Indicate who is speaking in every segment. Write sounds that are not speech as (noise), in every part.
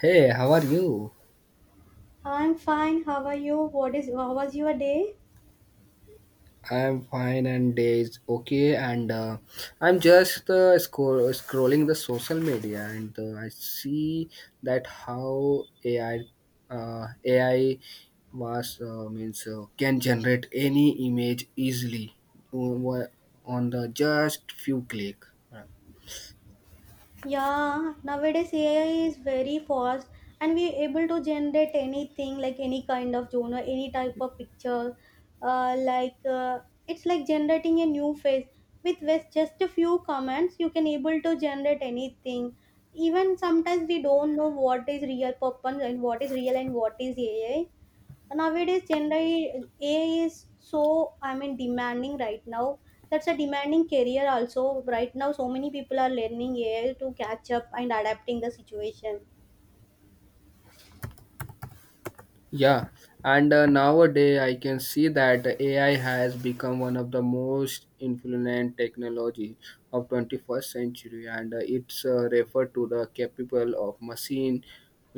Speaker 1: Hey, how are you?
Speaker 2: I'm fine. How are you? What is how was your day?
Speaker 1: I'm fine and day is okay and I'm just scrolling the social media and I see that how AI was means can generate any image easily on, on the just few click. Uh,
Speaker 2: Yeah, nowadays AI is very fast and we able to generate anything like any kind of genre, any type of picture. Like, it's like generating a new face with just a few comments. You can able to generate anything. Even sometimes we don't know what is real person and what is real and what is AI. Nowadays generally AI is, so, I mean, demanding right now. That's a demanding career also right now. So many people are learning AI to catch up and adapting the situation.
Speaker 1: Yeah, and nowadays I can see that AI has become one of the most influential technology of 21st century, and it's referred to the capable of machine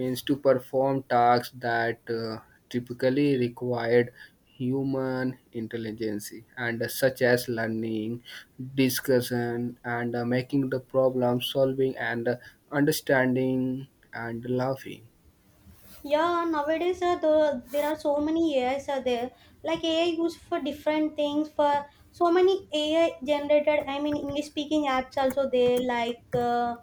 Speaker 1: means to perform tasks that typically required human intelligence, and such as learning, discussion, and making the problem solving, and understanding and laughing.
Speaker 2: Yeah, nowadays, there are so many AIs are there. Like AI used for different things. For so many AI generated, I mean, English speaking apps also there. Like uh,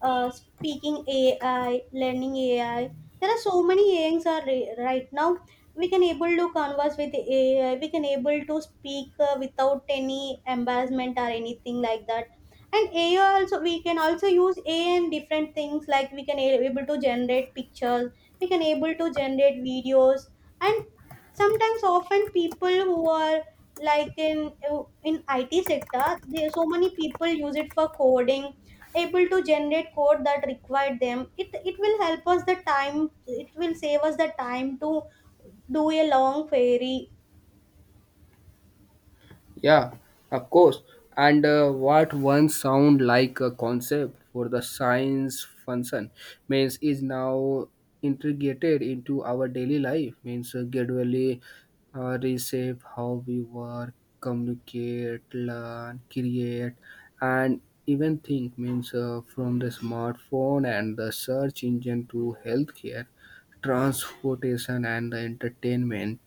Speaker 2: uh, speaking AI, learning AI. There are so many AIs are right now. We can able to converse with the AI. We can able to speak without any embarrassment or anything like that. And AI also we can also use AI in different things. Like we can able to generate pictures. We can able to generate videos. And sometimes often people who are like in IT sector, there so many people use it for coding, able to generate code that required them. It will help us the time. It will save us the time to do a long query.
Speaker 1: Yeah, of course. And what once sound like a concept for the science function means is now integrated into our daily life. Means gradually reshape how we work, communicate, learn, create, and even think. Means from the smartphone and the search engine to healthcare, transportation, and the entertainment,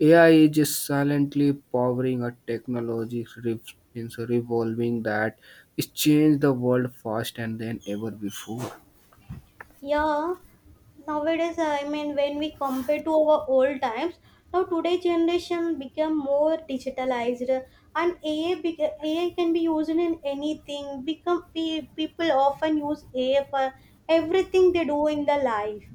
Speaker 1: AI is just silently powering a technology rev- means revolving that it's changed the world fast and than ever before.
Speaker 2: Yeah, nowadays, I mean, when we compare to our old times, now today generation become more digitalized. And AI can be used in anything. Become people often use AI for everything they do in their life.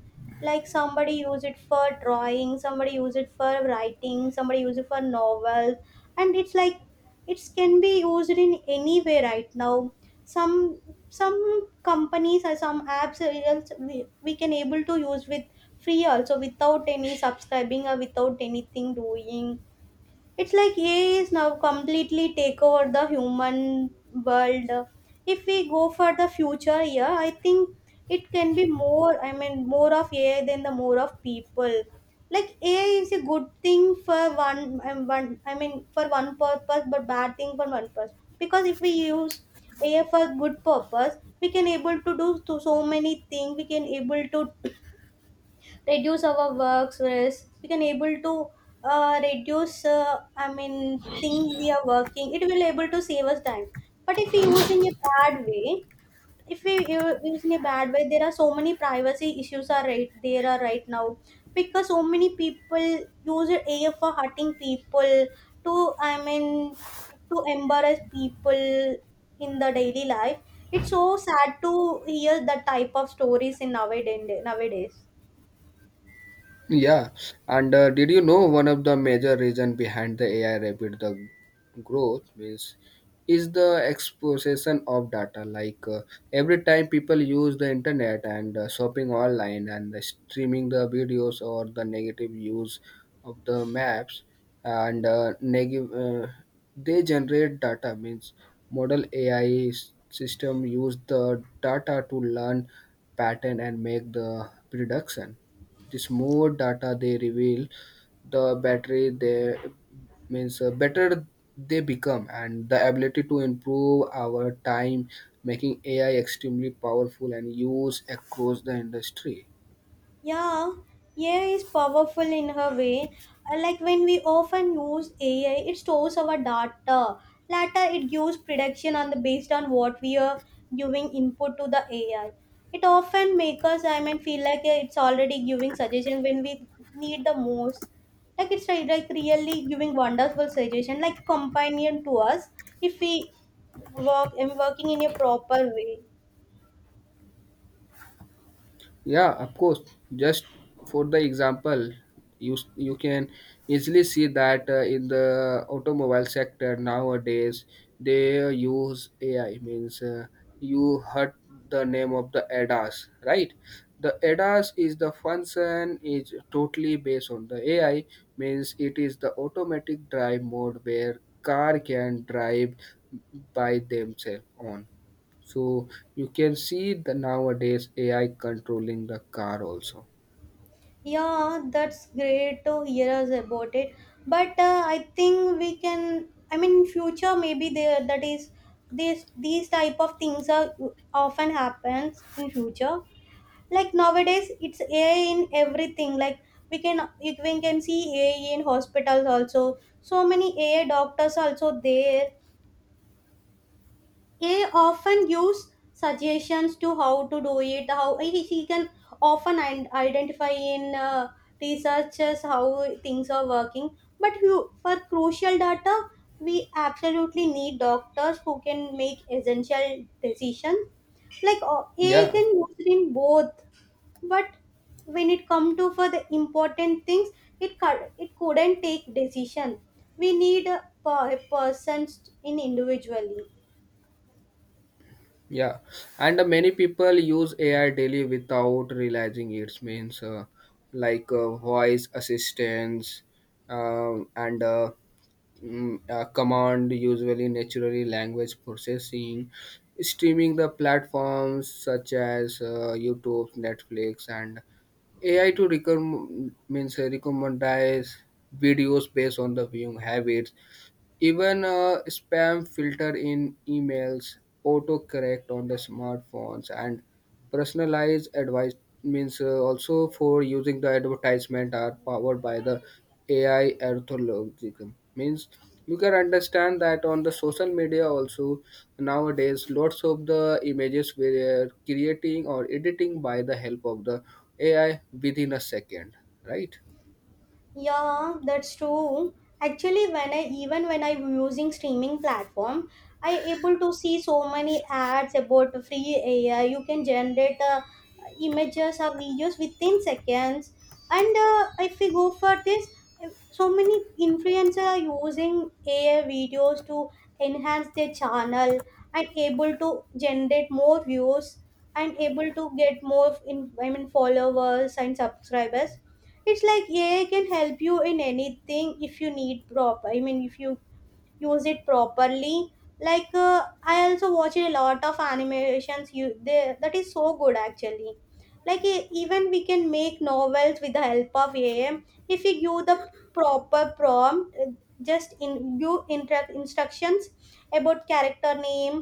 Speaker 2: Like somebody use it for drawing, somebody use it for writing, somebody use it for novels. And it's like it can be used in any way right now. Some some companies or some apps are also we can able to use with free also without any subscribing or without anything doing. It's like AI is now completely take over the human world. If we go for the future, yeah, I think it can be more. I mean, more of AI than the more of people. Like AI is a good thing for one. I mean, for one purpose, but bad thing for one purpose. Because if we use AI for good purpose, we can able to do to so many things. We can able to reduce our work stress. We can able to reduce, I mean, thing we are working, it will able to save us time. But if we use in a bad way, if we use in a bad way, there are so many privacy issues are right, there are right now. Because so many people use AI for hurting people to, I mean, to embarrass people in the daily life. It's so sad to hear that type of stories in nowadays.
Speaker 1: Yeah, and did you know one of the major reason behind the AI rapid the growth means is the exposition of data. Like every time people use the internet and shopping online and the streaming the videos or the negative use of the maps and negative they generate data means model AI system use the data to learn pattern and make the prediction. This more data they reveal the battery they means better they become, and the ability to improve our time, making AI extremely powerful and used across the industry.
Speaker 2: Yeah, AI is powerful in her way. Like when we often use AI, it stores our data. Later, it gives prediction on the based on what we are giving input to the AI. It often makes us, I mean, feel like it's already giving suggestion when we need the most. Like it's like really giving wonderful suggestion, like companion to us if we work and working in a proper way.
Speaker 1: Yeah, of course. Just for the example, you can easily see that in the automobile sector nowadays they use AI. Means you heard the name of the ADAS, right? The ADAS is the function is totally based on the AI. Means it is the automatic drive mode where car can drive by themselves on, so you can see the nowadays AI controlling the car also.
Speaker 2: Yeah, that's great to hear us about it. But I think we can. I mean, in future maybe there that is this these type of things are often happens in future. Like nowadays, it's AI in everything. Like we can see AI in hospitals also. So many AI doctors also there. They often use suggestions to how to do it, how he can often and identify in, researchers how things are working. But you, for crucial data, we absolutely need doctors who can make essential decisions. Like, AI
Speaker 1: Yeah,
Speaker 2: can use it in both. But when it come to for the important things, it couldn't take decision. We need persons in individually.
Speaker 1: yeah. And many people use AI daily without realizing it means voice assistance, um, and uh, command usually naturally language processing, streaming the platforms such as YouTube, Netflix, and AI to recommend means recommendize videos based on the viewing habits, even a spam filter in emails, autocorrect on the smartphones, and personalized advice means also for using the advertisement are powered by the AI algorithm. Means you can understand that on the social media also nowadays lots of the images were creating or editing by the help of the AI within a second, right?
Speaker 2: Yeah, that's true. Actually, when I even when I'm using streaming platform, I able to see so many ads about free AI. You can generate images or videos within seconds. And if we go for this, so many influencers are using AI videos to enhance their channel and able to generate more views and able to get more I mean, followers and subscribers. It's like AI can help you in anything if you need proper. I mean, if you use it properly. Like, I also watch a lot of animations. That is so good actually. Like even we can make novels with the help of AI if you give the proper prompt. Just in give instructions about character name,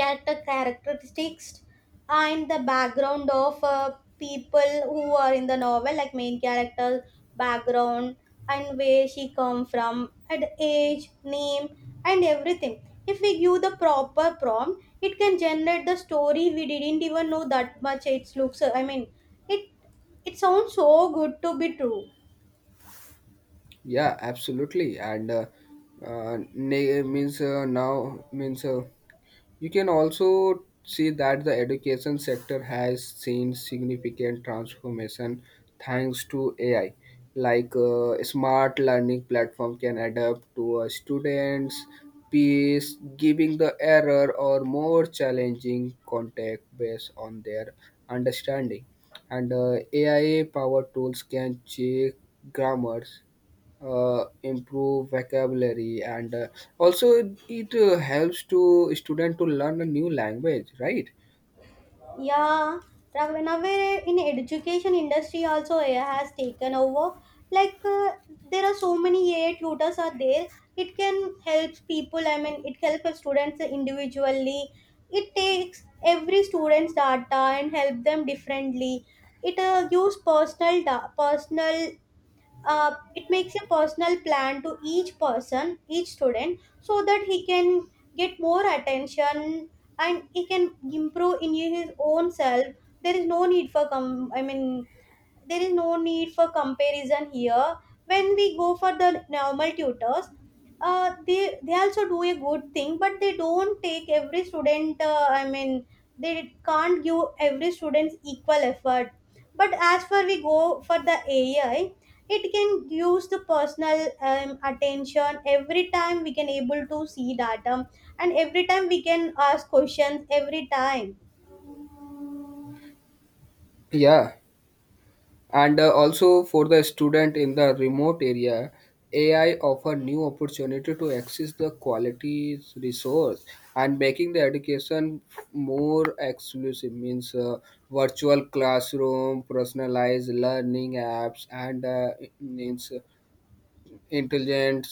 Speaker 2: character characteristics and the background of, people who are in the novel, like main character background and where she come from and age, name and everything. If we give the proper prompt, it can generate the story we didn't even know that much. It looks, I mean, it it sounds so good to be true.
Speaker 1: Yeah, absolutely. And na- means now means you can also see that the education sector has seen significant transformation thanks to AI. Like smart learning platform can adapt to a student's pace, giving the error or more challenging context based on their understanding. And AI powered tools can check grammars, improve vocabulary and also it helps to student to learn a new language, right?
Speaker 2: Yeah, Raghavendra, in education industry also AI has taken over. Like, there are so many AI tutors are there. It can help people, I mean, it helps students individually. It takes every student's data and help them differently. It gives personal, personal, it makes a personal plan to each person, each student, so that he can get more attention and he can improve in his own self, there is no need for com- I mean, there is no need for comparison here. When we go for the normal tutors, they also do a good thing, but they don't take every student, I mean, they can't give every student equal effort. But as for we go for the AI, it can use the personal, attention every time. We can able to see data, and every time we can ask questions every time.
Speaker 1: Yeah, and also for the student in the remote area, AI offer new opportunity to access the quality resource and making the education more exclusive means virtual classroom personalized learning apps, and it means intelligence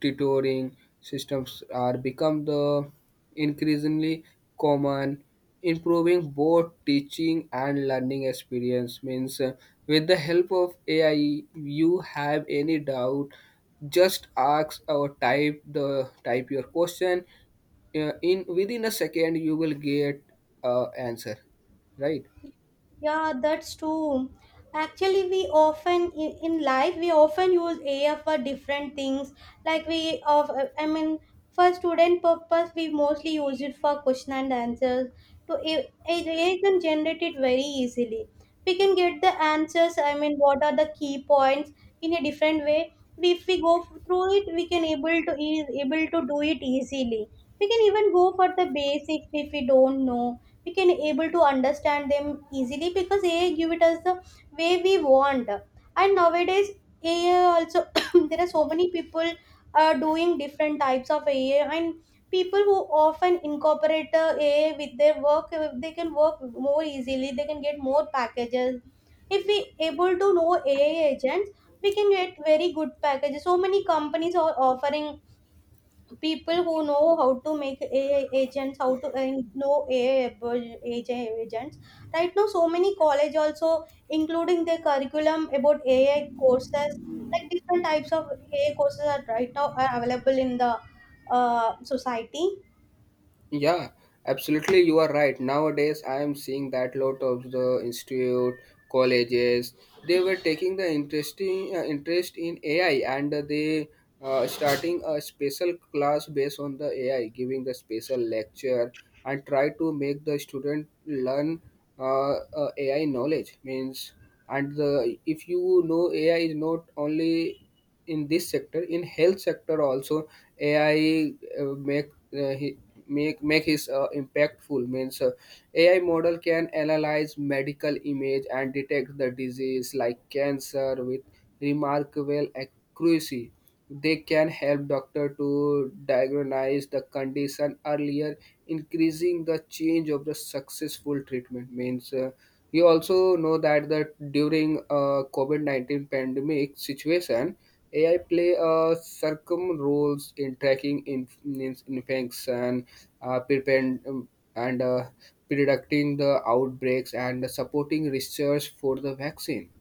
Speaker 1: tutoring systems are become the increasingly common, improving both teaching and learning experience. Means with the help of AI, you have any doubt, just ask or type your question, in within a second you will get answer, right?
Speaker 2: Yeah, that's true. Actually, in life, we often use AI for different things. Like we of I mean, for student purpose, we mostly use it for question and answers. To AI can generate it very easily. We can get the answers. I mean, what are the key points in a different way. If we go through it, we can able to is able to do it easily. We can even go for the basics. If we don't know, we can able to understand them easily because AI give it us the way we want. And nowadays AI also (coughs) there are so many people doing different types of AI. And people who often incorporate, AI with their work, they can work more easily, they can get more packages. If we able to know AI agents, we can get very good packages. So many companies are offering people who know how to make AI agents, how to and know AI agents. Right now, so many college also including their curriculum about AI courses, like different types of AI courses are right now are available in the, society.
Speaker 1: Yeah, absolutely. You are right. Nowadays, I am seeing that lot of the institute, colleges, they were taking the interest in AI, and they starting a special class based on the AI, giving the special lecture and try to make the student learn AI knowledge. Means, and the if you know AI is not only in this sector, in health sector also AI make he, make make his impactful. Means AI model can analyze medical image and detect the disease like cancer with remarkable accuracy. They can help doctor to diagnose the condition earlier, increasing the change of the successful treatment. Means you also know that during COVID-19 pandemic situation, AI play circum roles in tracking in means infection, prevent, and predicting the outbreaks and supporting research for the vaccine.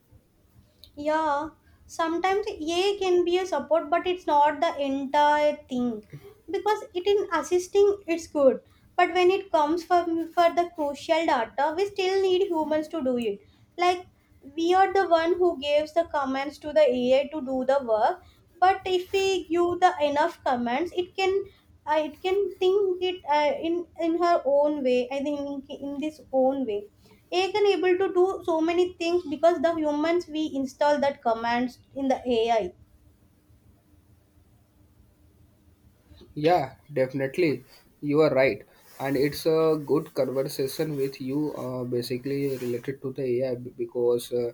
Speaker 2: Yeah, sometimes A can be a support, but it's not the entire thing because it in assisting it's good. But when it comes for the crucial data, we still need humans to do it. Like we are the one who gives the commands to the AI to do the work. But if we give the enough commands, it can think it in her own way. I think in this own way AI can able to do so many things because the humans we install that commands in the AI.
Speaker 1: Yeah, definitely. You are right. And it's a good conversation with you, basically related to the AI, because uh,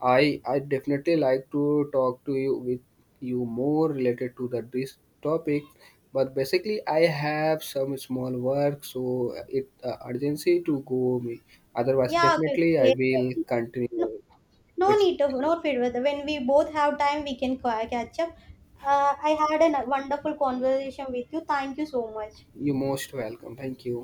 Speaker 1: I I definitely like to talk to you with you more related to the this topic. But basically, I have some small work, so it urgency to go. Me. Otherwise,
Speaker 2: Yeah, okay.
Speaker 1: definitely I
Speaker 2: Okay.
Speaker 1: will continue.
Speaker 2: No, no
Speaker 1: It's
Speaker 2: need of no feedback. When we both have time, we can catch up. I had a wonderful conversation with you. Thank you so much.
Speaker 1: you most welcome. Thank you.